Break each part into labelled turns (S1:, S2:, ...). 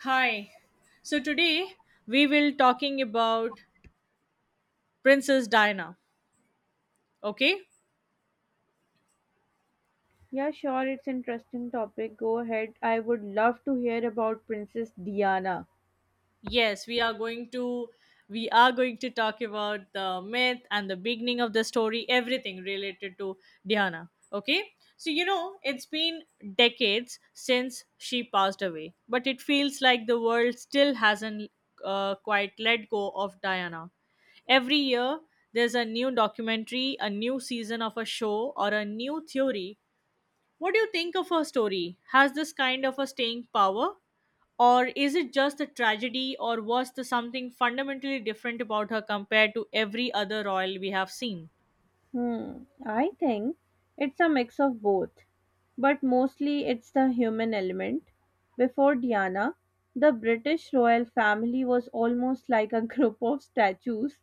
S1: Hi. So today we will talking about Princess Diana. Okay?
S2: Yeah, sure, it's interesting topic. Go ahead. I would love to hear about Princess Diana.
S1: Yes, we are going to we are going to talk about the myth and the beginning of the story, everything related to Diana. Okay? So it's been decades since she passed away, but it feels like the world still hasn't quite let go of Diana every year there's a new documentary, a new season of a show, or a new theory. What do you think of her story? Has this kind of a staying power? Or is it just a tragedy, or was there something fundamentally different about her compared to every other royal we have seen?
S2: Hmm, I think it's a mix of both, but mostly it's the human element. Before Diana, the British royal family was almost like a group of statues,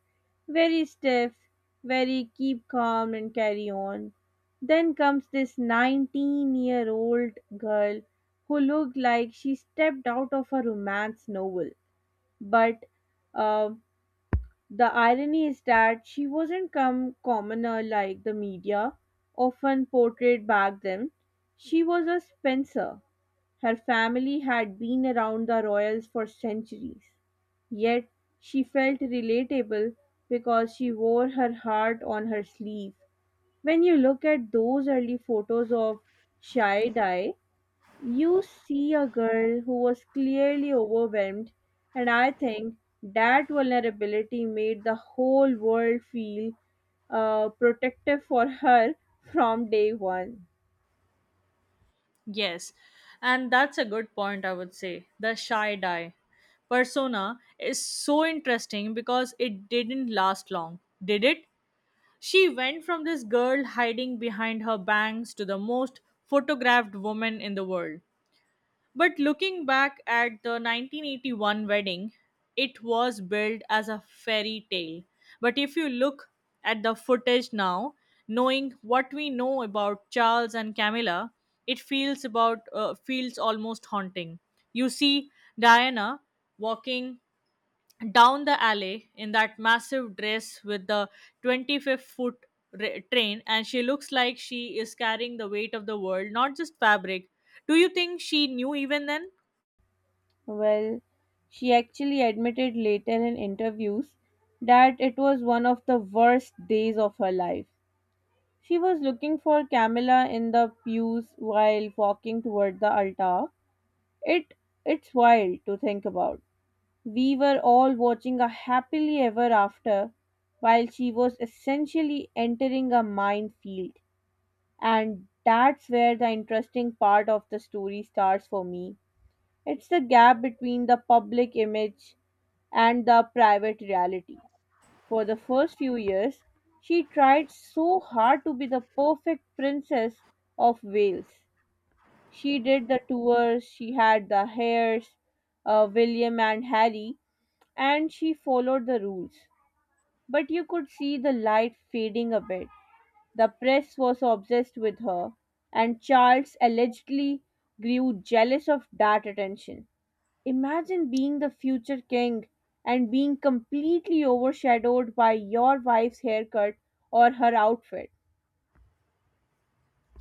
S2: very stiff, very keep calm and carry on. Then comes this 19-year-old girl who looked like she stepped out of a romance novel. But uh, the irony is that she wasn't come commoner like the media often portrayed back then. She was a Spencer. Her family had been around the royals for centuries. Yet she felt relatable because she wore her heart on her sleeve. When you look at those early photos of Shy, you see a girl who was clearly overwhelmed, and I think that vulnerability made the whole world feel protective for her from day one.
S1: Yes, and that's a good point, I would say. The shy die persona is so interesting because it didn't last long, did it? She went from this girl hiding behind her bangs to the most photographed woman in the world. But looking back at the 1981 wedding, it was billed as a fairy tale. But if you look at the footage now, knowing what we know about Charles and Camilla, it feels almost haunting. You see Diana walking down the alley in that massive dress with the 25 foot train, and she looks like she is carrying the weight of the world, not just fabric. Do you think she knew even then?
S2: Well, she actually admitted later in interviews that it was one of the worst days of her life. She was looking for Camilla in the pews while walking toward the altar. It it's wild to think about. We were all watching a happily ever after while she was essentially entering a minefield. And that's where the interesting part of the story starts for me. It's the gap between the public image and the private reality. For the first few years, she tried so hard to be the perfect princess of Wales. She did the tours, she had the hairs, William and Harry, and she followed the rules. But you could see the light fading a bit. The press was obsessed with her, and Charles allegedly grew jealous of that attention. Imagine being the future king and being completely overshadowed by your wife's haircut or her outfit.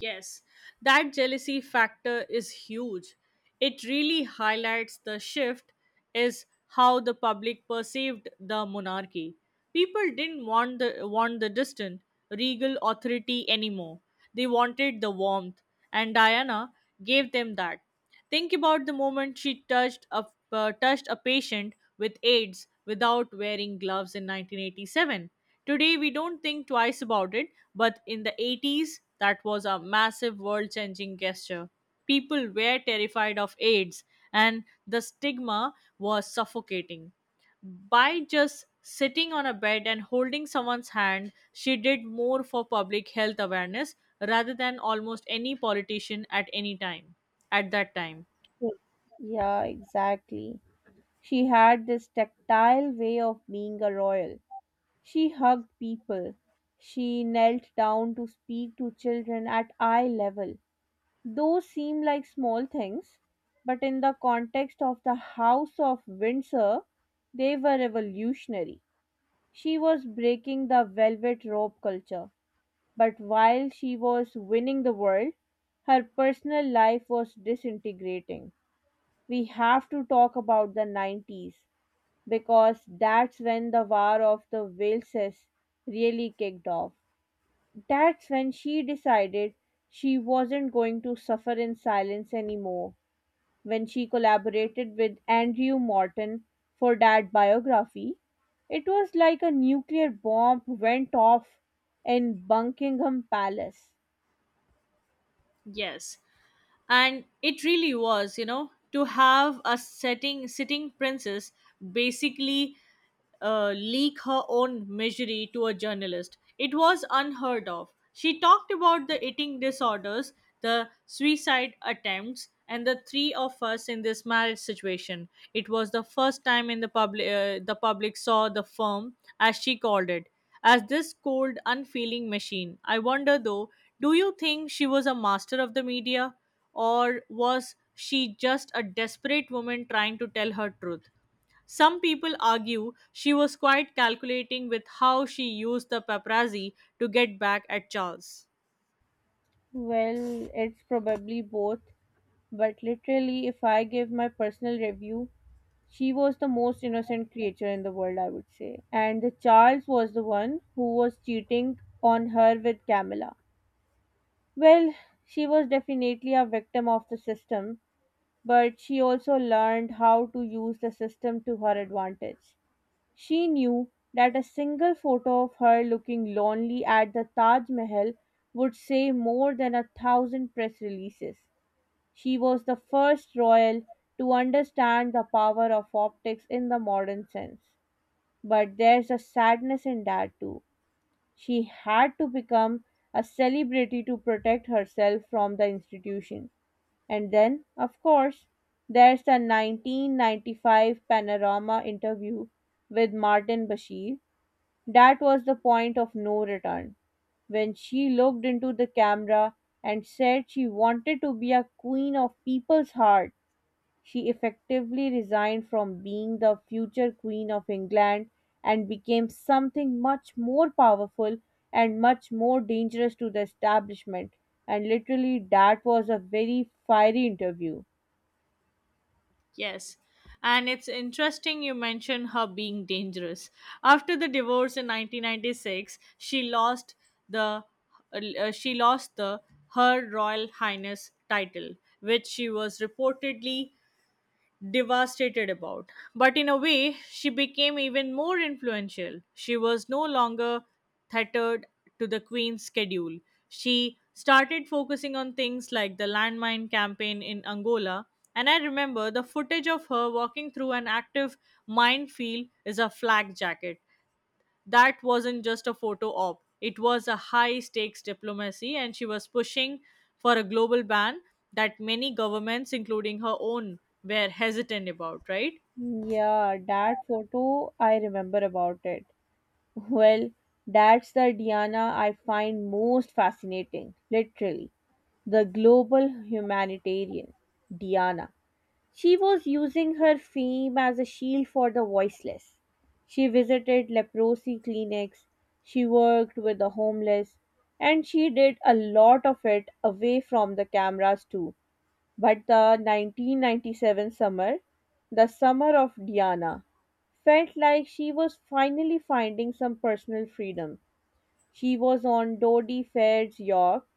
S1: Yes, that jealousy factor is huge. It really highlights the shift is how the public perceived the monarchy. People didn't want the distant regal authority anymore. They wanted the warmth, and Diana gave them that. Think about the moment touched a patient with AIDS without wearing gloves in 1987. Today, we don't think twice about it, but in the 80s, that was a massive world changing gesture. People were terrified of AIDS, and the stigma was suffocating. By just sitting on a bed and holding someone's hand, she did more for public health awareness rather than almost any politician at any time at that time.
S2: Yeah, Yeah, exactly. She had this tactile way of being a royal. She hugged people. She knelt down to speak to children at eye level. Those seem like small things, but in the context of the House of Windsor, they were revolutionary. She was breaking the velvet rope culture, but while she was winning the world, her personal life was disintegrating. We have to talk about the 90s because that's when the War of the Waleses really kicked off. That's when she decided she wasn't going to suffer in silence anymore. When she collaborated with Andrew Morton for that biography, it was like a nuclear bomb went off in Buckingham Palace.
S1: Yes, and it really was, to have a setting sitting princess basically leak her own misery to a journalist. It was unheard of. She talked about the eating disorders, the suicide attempts, and the three of us in this marriage situation. It was the first time in the public saw the firm, as she called it, as this cold, unfeeling machine. I wonder though, do you think she was a master of the media, or was she just a desperate woman trying to tell her truth? Some people argue she was quite calculating with how she used the paparazzi to get back at Charles.
S2: Well, it's probably both, but literally, if I give my personal review, she was the most innocent creature in the world, I would say. And the Charles was the one who was cheating on her with Camilla. Well, she was definitely a victim of the system, but she also learned how to use the system to her advantage. She knew that a single photo of her looking lonely at the Taj Mahal would say more than a thousand press releases. She was the first royal to understand the power of optics in the modern sense. But there's a sadness in that too. She had to become a celebrity to protect herself from the institution. And then, of course, there's the 1995 Panorama interview with Martin Bashir. That was the point of no return when she looked into the camera and said she wanted to be a queen of people's heart. She effectively resigned from being the future Queen of England and became something much more powerful and much more dangerous to the establishment. And literally, that was a very fiery interview.
S1: Yes. And it's interesting you mention her being dangerous. After the divorce in 1996, the she lost the her royal highness title, which she was reportedly devastated about. But in a way, she became even more influential. She was no longer tethered to the Queen's schedule. She started focusing on things like the landmine campaign in Angola. And I remember the footage of her walking through an active minefield is a flak jacket. That wasn't just a photo op. It was a high stakes diplomacy, and she was pushing for a global ban that many governments, including her own, were hesitant about, right?
S2: Yeah, that photo I remember about it. Well, that's the Diana I find most fascinating, literally. The global humanitarian, Diana. She was using her fame as a shield for the voiceless. She visited leprosy clinics, she worked with the homeless, and she did a lot of it away from the cameras too. But the 1997 summer, the summer of Diana, felt like she was finally finding some personal freedom. She was on Dodie Faird's yacht.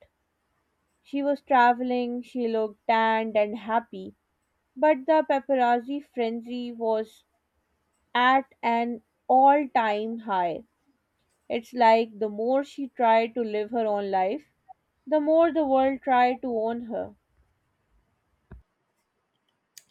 S2: She was traveling, she looked tanned and happy, but the paparazzi frenzy was at an all time high. It's like the more she tried to live her own life, the more the world tried to own her.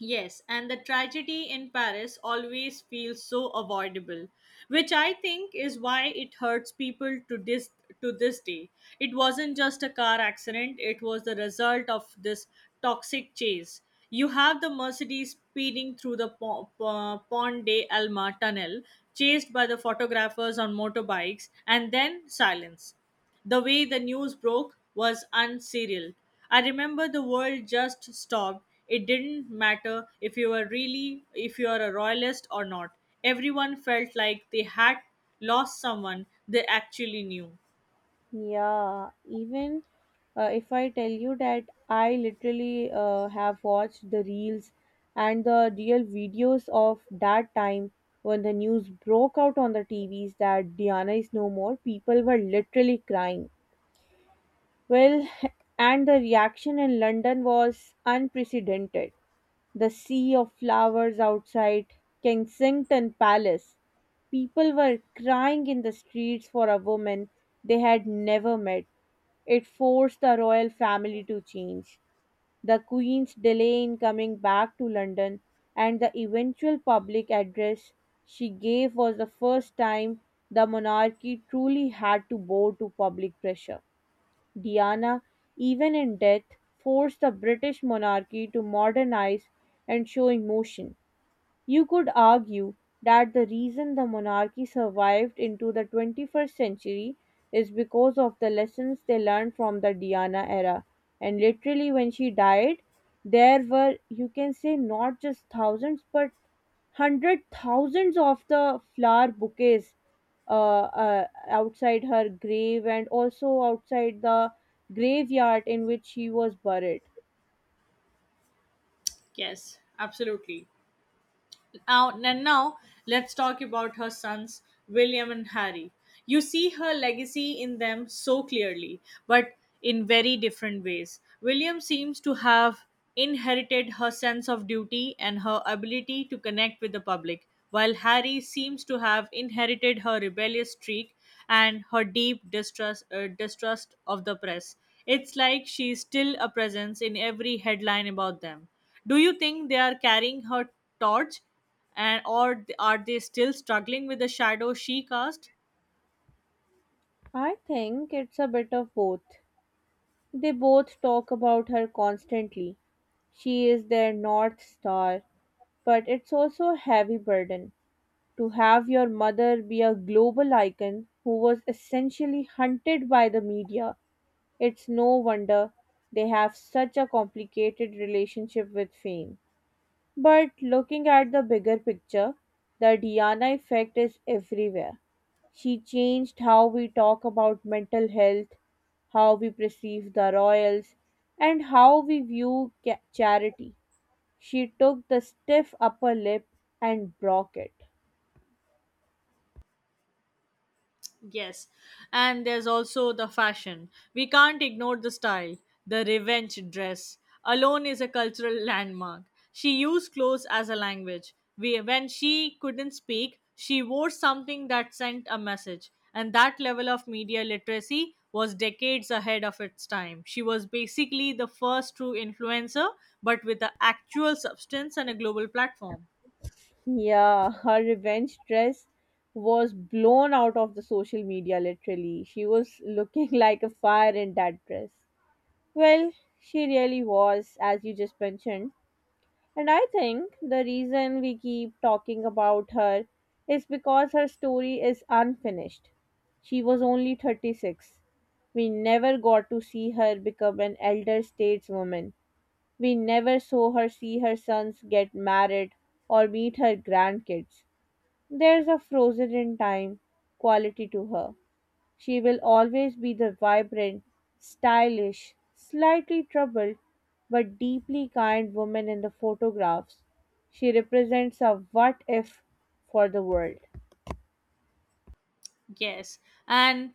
S1: Yes, and the tragedy in Paris always feels so avoidable, which I think is why it hurts people to this day. It wasn't just a car accident, it was the result of this toxic chase. You have the Mercedes speeding through the Pont de Alma tunnel, chased by the photographers on motorbikes, and then silence. The way the news broke was unserial. I remember the world just stopped. It didn't matter if you were really if you are a royalist or not. Everyone felt like they had lost someone they actually knew.
S2: Yeah, even if I tell you that I literally have watched the reels and the real videos of that time when the news broke out on the TVs that Diana is no more, people were literally crying. Well, and the reaction in London was unprecedented. The sea of flowers outside Kensington Palace. People were crying in the streets for a woman they had never met. It forced the royal family to change. The Queen's delay in coming back to London and the eventual public address she gave was the first time the monarchy truly had to bow to public pressure. Diana, even in death, forced the British monarchy to modernize and show emotion. You could argue that the reason the monarchy survived into the 21st century is because of the lessons they learned from the Diana era. And literally, when she died, there were, you can say, not just thousands but hundred thousands of the flower bouquets outside her grave and also outside the graveyard in which she was buried.
S1: Yes, absolutely. Now let's talk about her sons, William and Harry. You see her legacy in them so clearly, but in very different ways. William seems to have inherited her sense of duty and her ability to connect with the public, while Harry seems to have inherited her rebellious streak and her deep distrust of the press. It's like she's still a presence in every headline about them. Do you think they are carrying her torch, and or are they still struggling with the shadow she cast?
S2: I think it's a bit of both. They both talk about her constantly. She is their North Star, but it's also a heavy burden to have your mother be a global icon who was essentially hunted by the media. It's no wonder they have such a complicated relationship with fame. But looking at the bigger picture, the Diana effect is everywhere. She changed how we talk about mental health, how we perceive the royals, and how we view charity. She took the stiff upper lip and broke it.
S1: Yes, and there's also the fashion. We can't ignore the style. The revenge dress alone is a cultural landmark. She used clothes as a language. We, when she couldn't speak, she wore something that sent a message, and that level of media literacy was decades ahead of its time. She was basically the first true influencer, but with the actual substance and a global platform.
S2: Yeah, her revenge dress was blown out of the social media literally. She was looking like a fire in that dress. Well, she really was, as you just mentioned. And I think the reason we keep talking about her is because her story is unfinished. She was only 36. We never got to see her become an elder stateswoman. We never saw her see her sons get married or meet her grandkids. There's a frozen in time quality to her. She will always be the vibrant, stylish, slightly troubled, but deeply kind woman in the photographs. She represents a what if for the world.
S1: Yes, and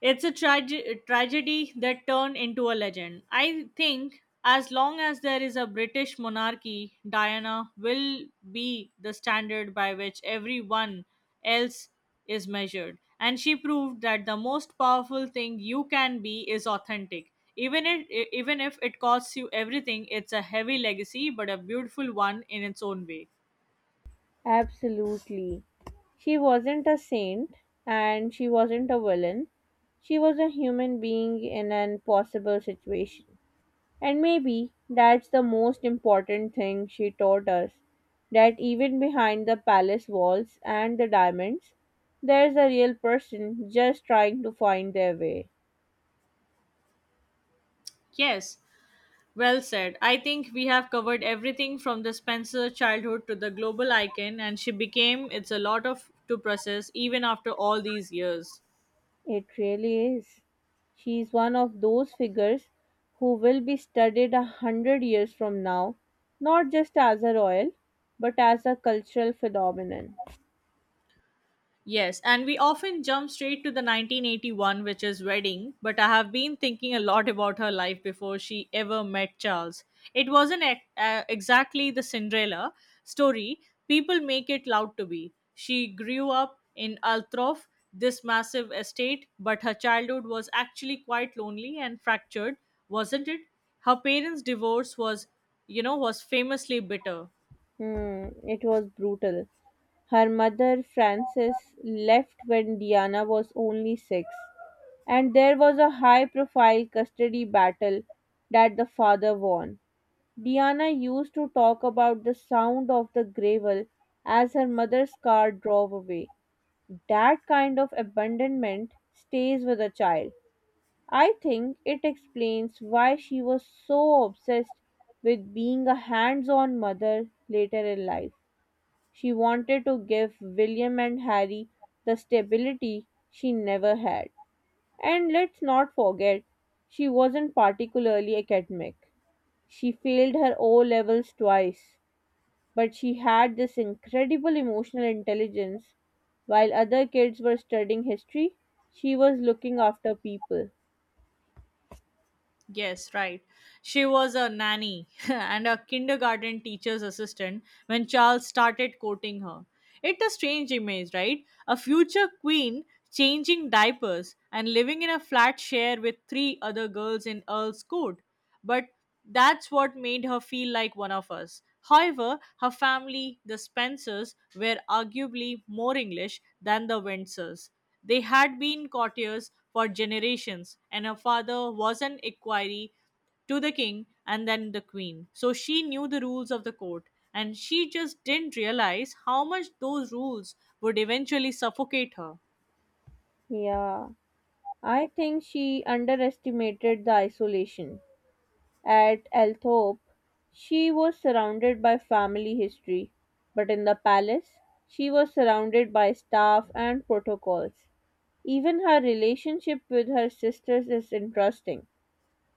S1: it's a tragedy that turned into a legend. I think as long as there is a British monarchy, Diana will be the standard by which everyone else is measured. And she proved that the most powerful thing you can be is authentic. Even if it costs you everything, it's a heavy legacy, but a beautiful one in its own way.
S2: Absolutely. She wasn't a saint and she wasn't a villain. She was a human being in an impossible situation. And maybe that's the most important thing she taught us, that even behind the palace walls and the diamonds, there's a real person just trying to find their way.
S1: Yes. Well said. I think we have covered everything from the Spencer childhood to the global icon, and she became it's a lot of to process even after all these years.
S2: It really is. She is one of those figures who will be studied a hundred years from now, not just as a royal, but as a cultural phenomenon.
S1: Yes, and we often jump straight to the 1981, which is Wedding, but I have been thinking a lot about her life before she ever met Charles. It wasn't exactly the Cinderella story people make it out to be. She grew up in Altrof, this massive estate, but her childhood was actually quite lonely and fractured, wasn't it? Her parents' divorce was, was famously bitter.
S2: Hmm, it was brutal. Her mother, Frances, left when Diana was only six, and there was a high profile custody battle that the father won. Diana used to talk about the sound of the gravel as her mother's car drove away. That kind of abandonment stays with a child. I think it explains why she was so obsessed with being a hands on mother later in life. She wanted to give William and Harry the stability she never had. And let's not forget, she wasn't particularly academic. She failed her O levels twice, but she had this incredible emotional intelligence. While other kids were studying history, she was looking after people.
S1: Yes, right. She was a nanny and a kindergarten teacher's assistant when Charles started courting her. It's a strange image, right? A future queen changing diapers and living in a flat share with three other girls in Earl's Court, but that's what made her feel like one of us. However, her family, the Spencers, were arguably more English than the Windsors. They had been courtiers for generations, and her father was an equerry to the king and then the queen. So she knew the rules of the court, and she just didn't realize how much those rules would eventually suffocate her.
S2: Yeah, I think she underestimated the isolation. At Althorp, she was surrounded by family history, but in the palace, she was surrounded by staff and protocols. Even her relationship with her sisters is interesting.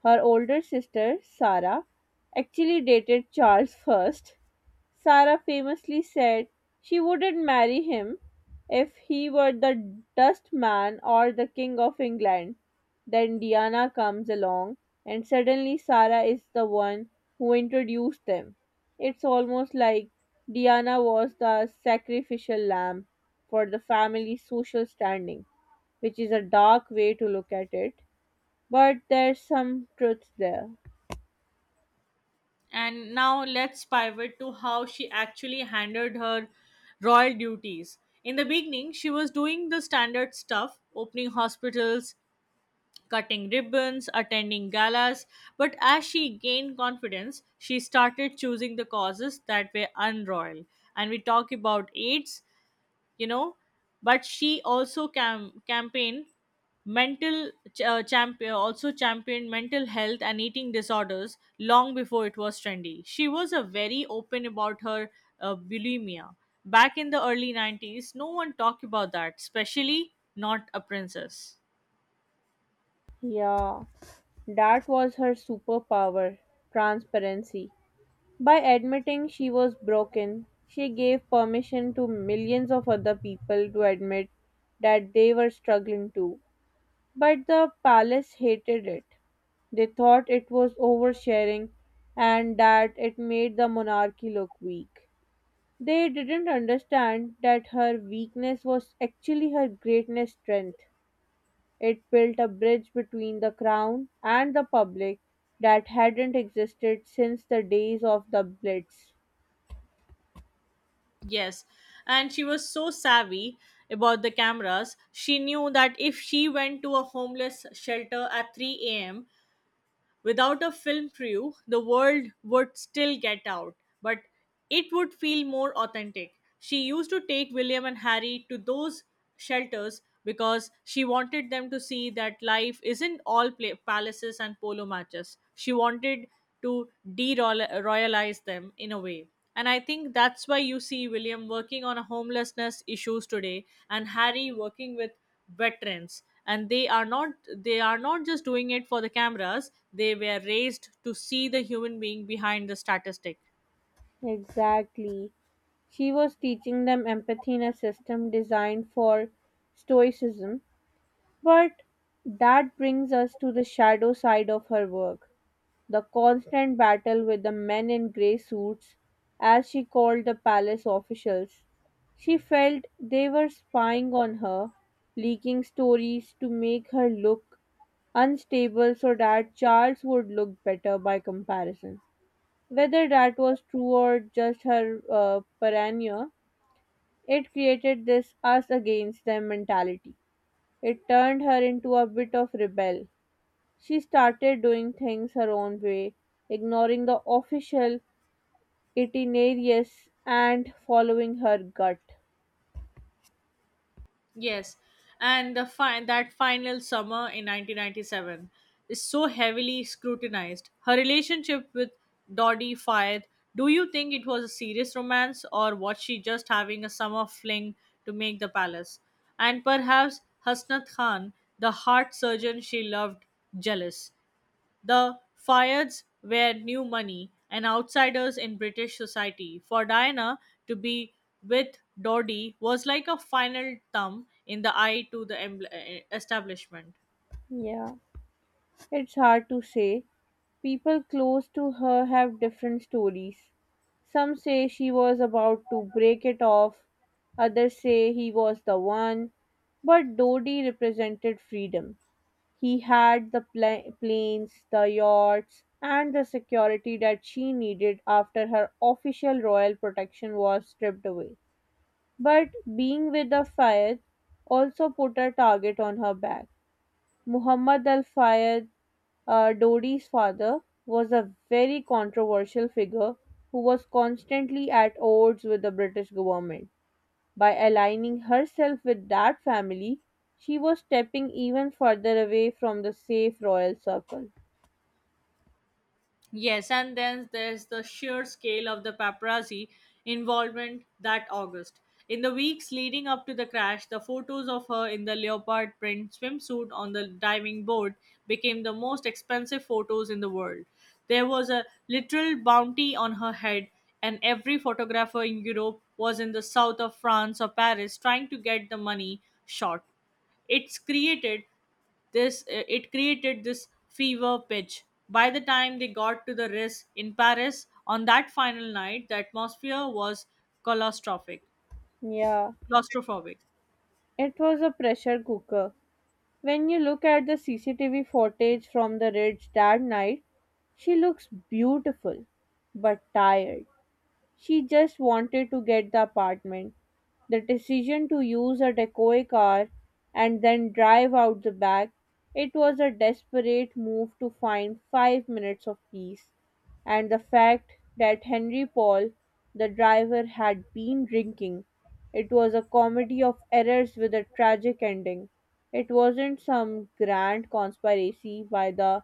S2: Her older sister, Sarah, actually dated Charles. Sarah famously said she wouldn't marry him if he were the dust man or the king of England. Then Diana comes along, and suddenly Sarah is the one who introduced them. It's almost like Diana was the sacrificial lamb for the family's social standing, which is a dark way to look at it, but there's some truth there.
S1: And now let's pivot to how she actually handled her royal duties. In the beginning, she was doing the standard stuff, opening hospitals, cutting ribbons, attending galas, but as she gained confidence, she started choosing the causes that were unroyal. And we talk about AIDS, you know but she also campaigned mental ch- champion also championed mental health and eating disorders long before it was trendy. She was a very open about her bulimia back in the early 90s. No one talked about that, especially not a princess.
S2: Yeah, that was her superpower, transparency. By admitting she was broken, she gave permission to millions of other people to admit that they were struggling too. But the palace hated it. They thought it was oversharing and that it made the monarchy look weak. They didn't understand that her weakness was actually her greatest strength. It built a bridge between the crown and the public that hadn't existed since the days of the Blitz.
S1: Yes, and she was so savvy about the cameras. She knew that if she went to a homeless shelter at 3 a.m. without a film crew, the world would still get out, but it would feel more authentic. She used to take William and Harry to those shelters because she wanted them to see that life isn't all pla palaces and polo matches. She wanted to de-royalize them in a way. And I think that's why you see William working on a homelessness issues today and Harry working with veterans, and they are not just doing it for the cameras. They were raised to see the human being behind the statistic.
S2: Exactly. She was teaching them empathy in a system designed for stoicism. But that brings us to the shadow side of her work, the constant battle with the men in grey suits, as she called the palace officials. She felt they were spying on her, leaking stories to make her look unstable so that Charles would look better by comparison. Whether that was true or just her paranoia, it created this us against them mentality. It turned her into a bit of rebel. She started doing things her own way, ignoring the official itineraries and following her gut.
S1: Yes, and the that final summer in 1997 is so heavily scrutinized her relationship with Dodie Fayed. Do you think it was a serious romance, or was she just having a summer fling to make the palace, and perhaps Hasnat Khan, the heart surgeon she loved, jealous? The Fayads were new money and outsiders in British society. For Diana to be with Dodie was like a final thumb in the eye to the establishment.
S2: Yeah, it's hard to say. People close to her have different stories. Some say she was about to break it off, others say he was the one. But Dodi represented freedom. He had the planes, the yachts, and the security that she needed after her official royal protection was stripped away. But being with the Fayed also put a target on her back. Muhammad Al Fayed, Dodi's father, was a very controversial figure who was constantly at odds with the British government. By aligning herself with that family, she was stepping even further away from the safe royal circle.
S1: Yes, and then there's the sheer scale of the paparazzi involvement that August. In the weeks leading up to the crash, the photos of her in the leopard print swimsuit on the diving board became the most expensive photos in the world. There was a literal bounty on her head, and every photographer in Europe was in the south of France or Paris trying to get the money shot. It's created it created this fever pitch. By the time they got to the race in Paris on that final night, the atmosphere was claustrophic.
S2: Yeah,
S1: Claustrophobic.
S2: it was a pressure cooker. When you look at the CCTV footage from the Ridge that night, she looks beautiful but tired. She just wanted to get the apartment. The decision to use a decoy car and then drive out the back, it was a desperate move to find 5 minutes of peace. And the fact that Henry Paul, the driver, had been drinking, it was a comedy of errors with a tragic ending. It wasn't some grand conspiracy by the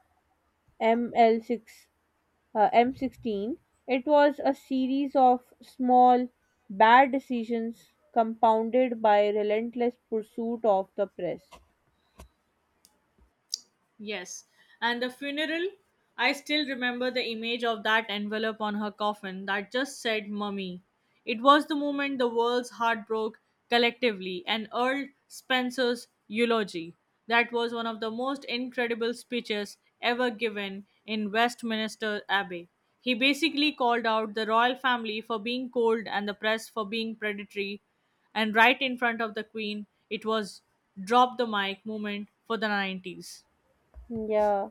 S2: ML6 uh, M16, it was a series of small, bad decisions compounded by relentless pursuit of the press.
S1: Yes. And the funeral, I still remember the image of that envelope on her coffin that just said mummy. It was the moment the world's heart broke collectively, and Earl Spencer's eulogy. That was one of the most incredible speeches ever given in Westminster Abbey. He basically called out the royal family for being cold and the press for being predatory, and right in front of the Queen, it was drop the mic moment for the 90s.
S2: Yeah,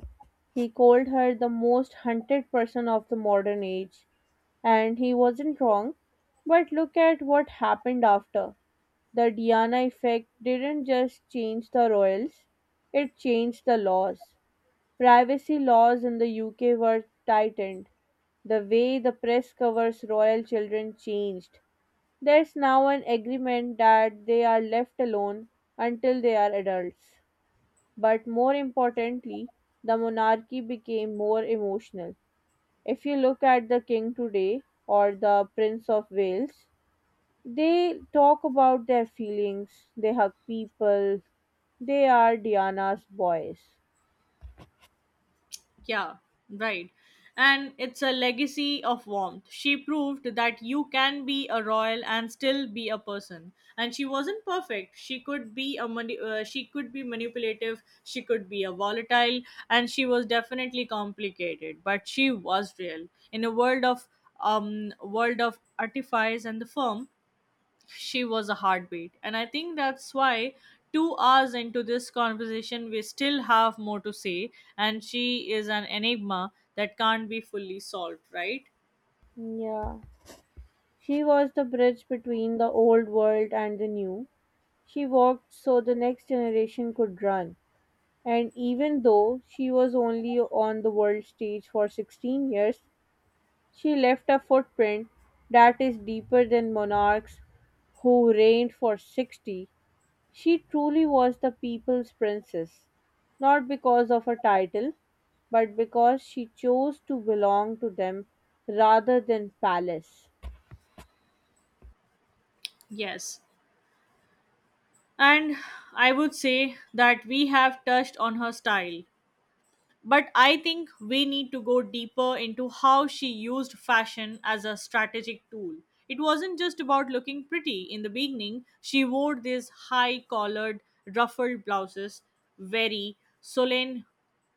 S2: he called her the most hunted person of the modern age, and he wasn't wrong. But look at what happened after. The Diana effect didn't just change the royals, it changed the laws. Privacy laws in the UK were tightened. The way the press covers royal children changed. There's now an agreement that they are left alone until they are adults. But more importantly, the monarchy became more emotional. If you look at the king today or the Prince of Wales, they talk about their feelings, they hug people, they are Diana's boys.
S1: Yeah, right. And it's a legacy of warmth. She proved that you can be a royal and still be a person. And she wasn't perfect. She could be a she could be manipulative. She could be a volatile, and she was definitely complicated. But she was real in a world of artifice, and the firm she was a heartbeat. And I think that's why 2 hours into this conversation, we still have more to say. And she is an enigma that can't be fully solved, right?
S2: Yeah. She was the bridge between the old world and the new. She walked so the next generation could run. And even though she was only on the world stage for 16 years, she left a footprint that is deeper than monarchs who reigned for 60. She truly was the people's princess, not because of her title, but because she chose to belong to them rather than palace.
S1: Yes. And I would say that we have touched on her style, but I think we need to go deeper into how she used fashion as a strategic tool. It wasn't just about looking pretty. In the beginning, she wore these high collared, ruffled blouses, very Solene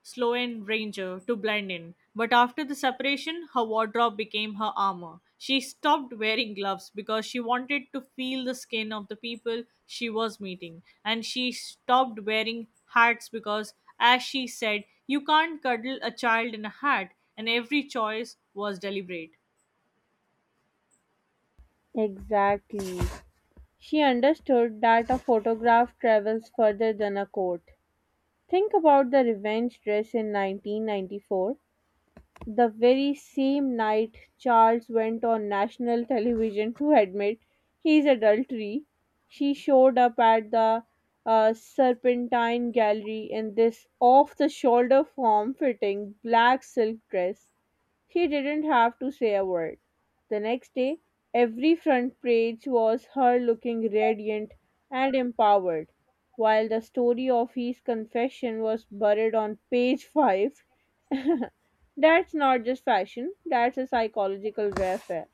S1: Sloan Ranger to blend in. But after the separation, her wardrobe became her armor. She stopped wearing gloves because she wanted to feel the skin of the people she was meeting, and she stopped wearing hats because, as she said, you can't cuddle a child in a hat, and every choice was deliberate.
S2: Exactly. She understood that a photograph travels further than a quote. Think about the revenge dress in 1994, the very same night Charles went on national television to admit his adultery. She showed up at the Serpentine Gallery in this off the shoulder form fitting black silk dress. She didn't have to say a word. The next day, every front page was her looking radiant and empowered, while the story of his confession was buried on page 5. That's not just fashion, that's a psychological warfare.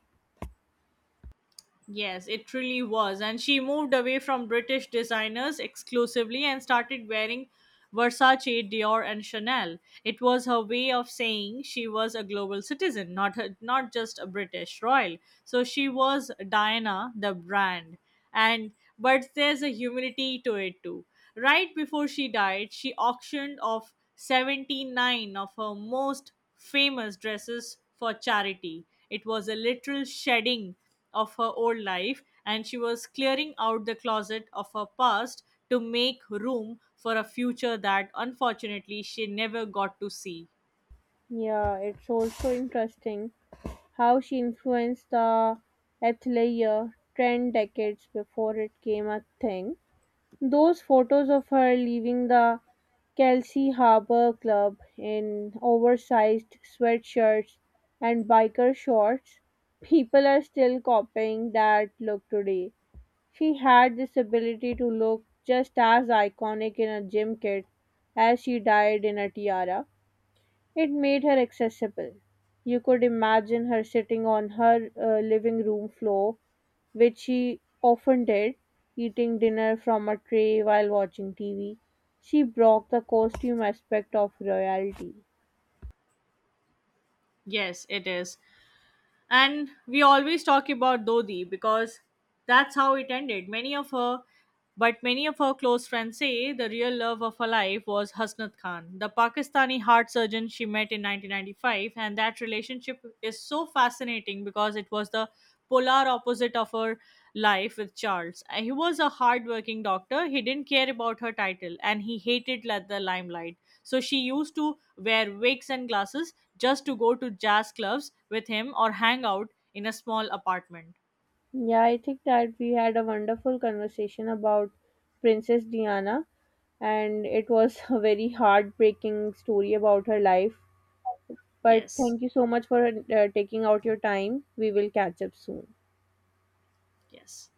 S1: Yes, it really was. And she moved away from British designers exclusively and started wearing Versace, Dior, and Chanel. It was her way of saying she was a global citizen, not just a British royal. So she was Diana the brand. And but there's a humility to it too. Right before she died, she auctioned off 79 of her most famous dresses for charity. It was a literal shedding of her old life, and she was clearing out the closet of her past to make room for a future that unfortunately she never got to see.
S2: Yeah, it's also interesting how she influenced the athleisure trend decades before it came a thing. Those photos of her leaving the Kelsey Harbor Club in oversized sweatshirts and biker shorts, people are still copying that look today. She had this ability to look just as iconic in a gym kit as she died in a tiara. It made her accessible. You could imagine her sitting on her living room floor which she often did, eating dinner from a tray while watching TV. She broke the costume aspect of royalty.
S1: Yes, it is. And we always talk about Dodi because that's how it ended. Many of her close friends say the real love of her life was Hasnat Khan, the Pakistani heart surgeon she met in 1995. And that relationship is so fascinating because it was the polar opposite of her life with Charles. He was a hardworking doctor. He didn't care about her title and he hated the limelight. So she used to wear wigs and glasses just to go to jazz clubs with him or hang out in a small apartment.
S2: Yeah, I think that we had a wonderful conversation about Princess Diana, and it was a very heartbreaking story about her life. But
S1: Yes,
S2: thank you so much for taking out your time. We will catch up soon.
S1: yes.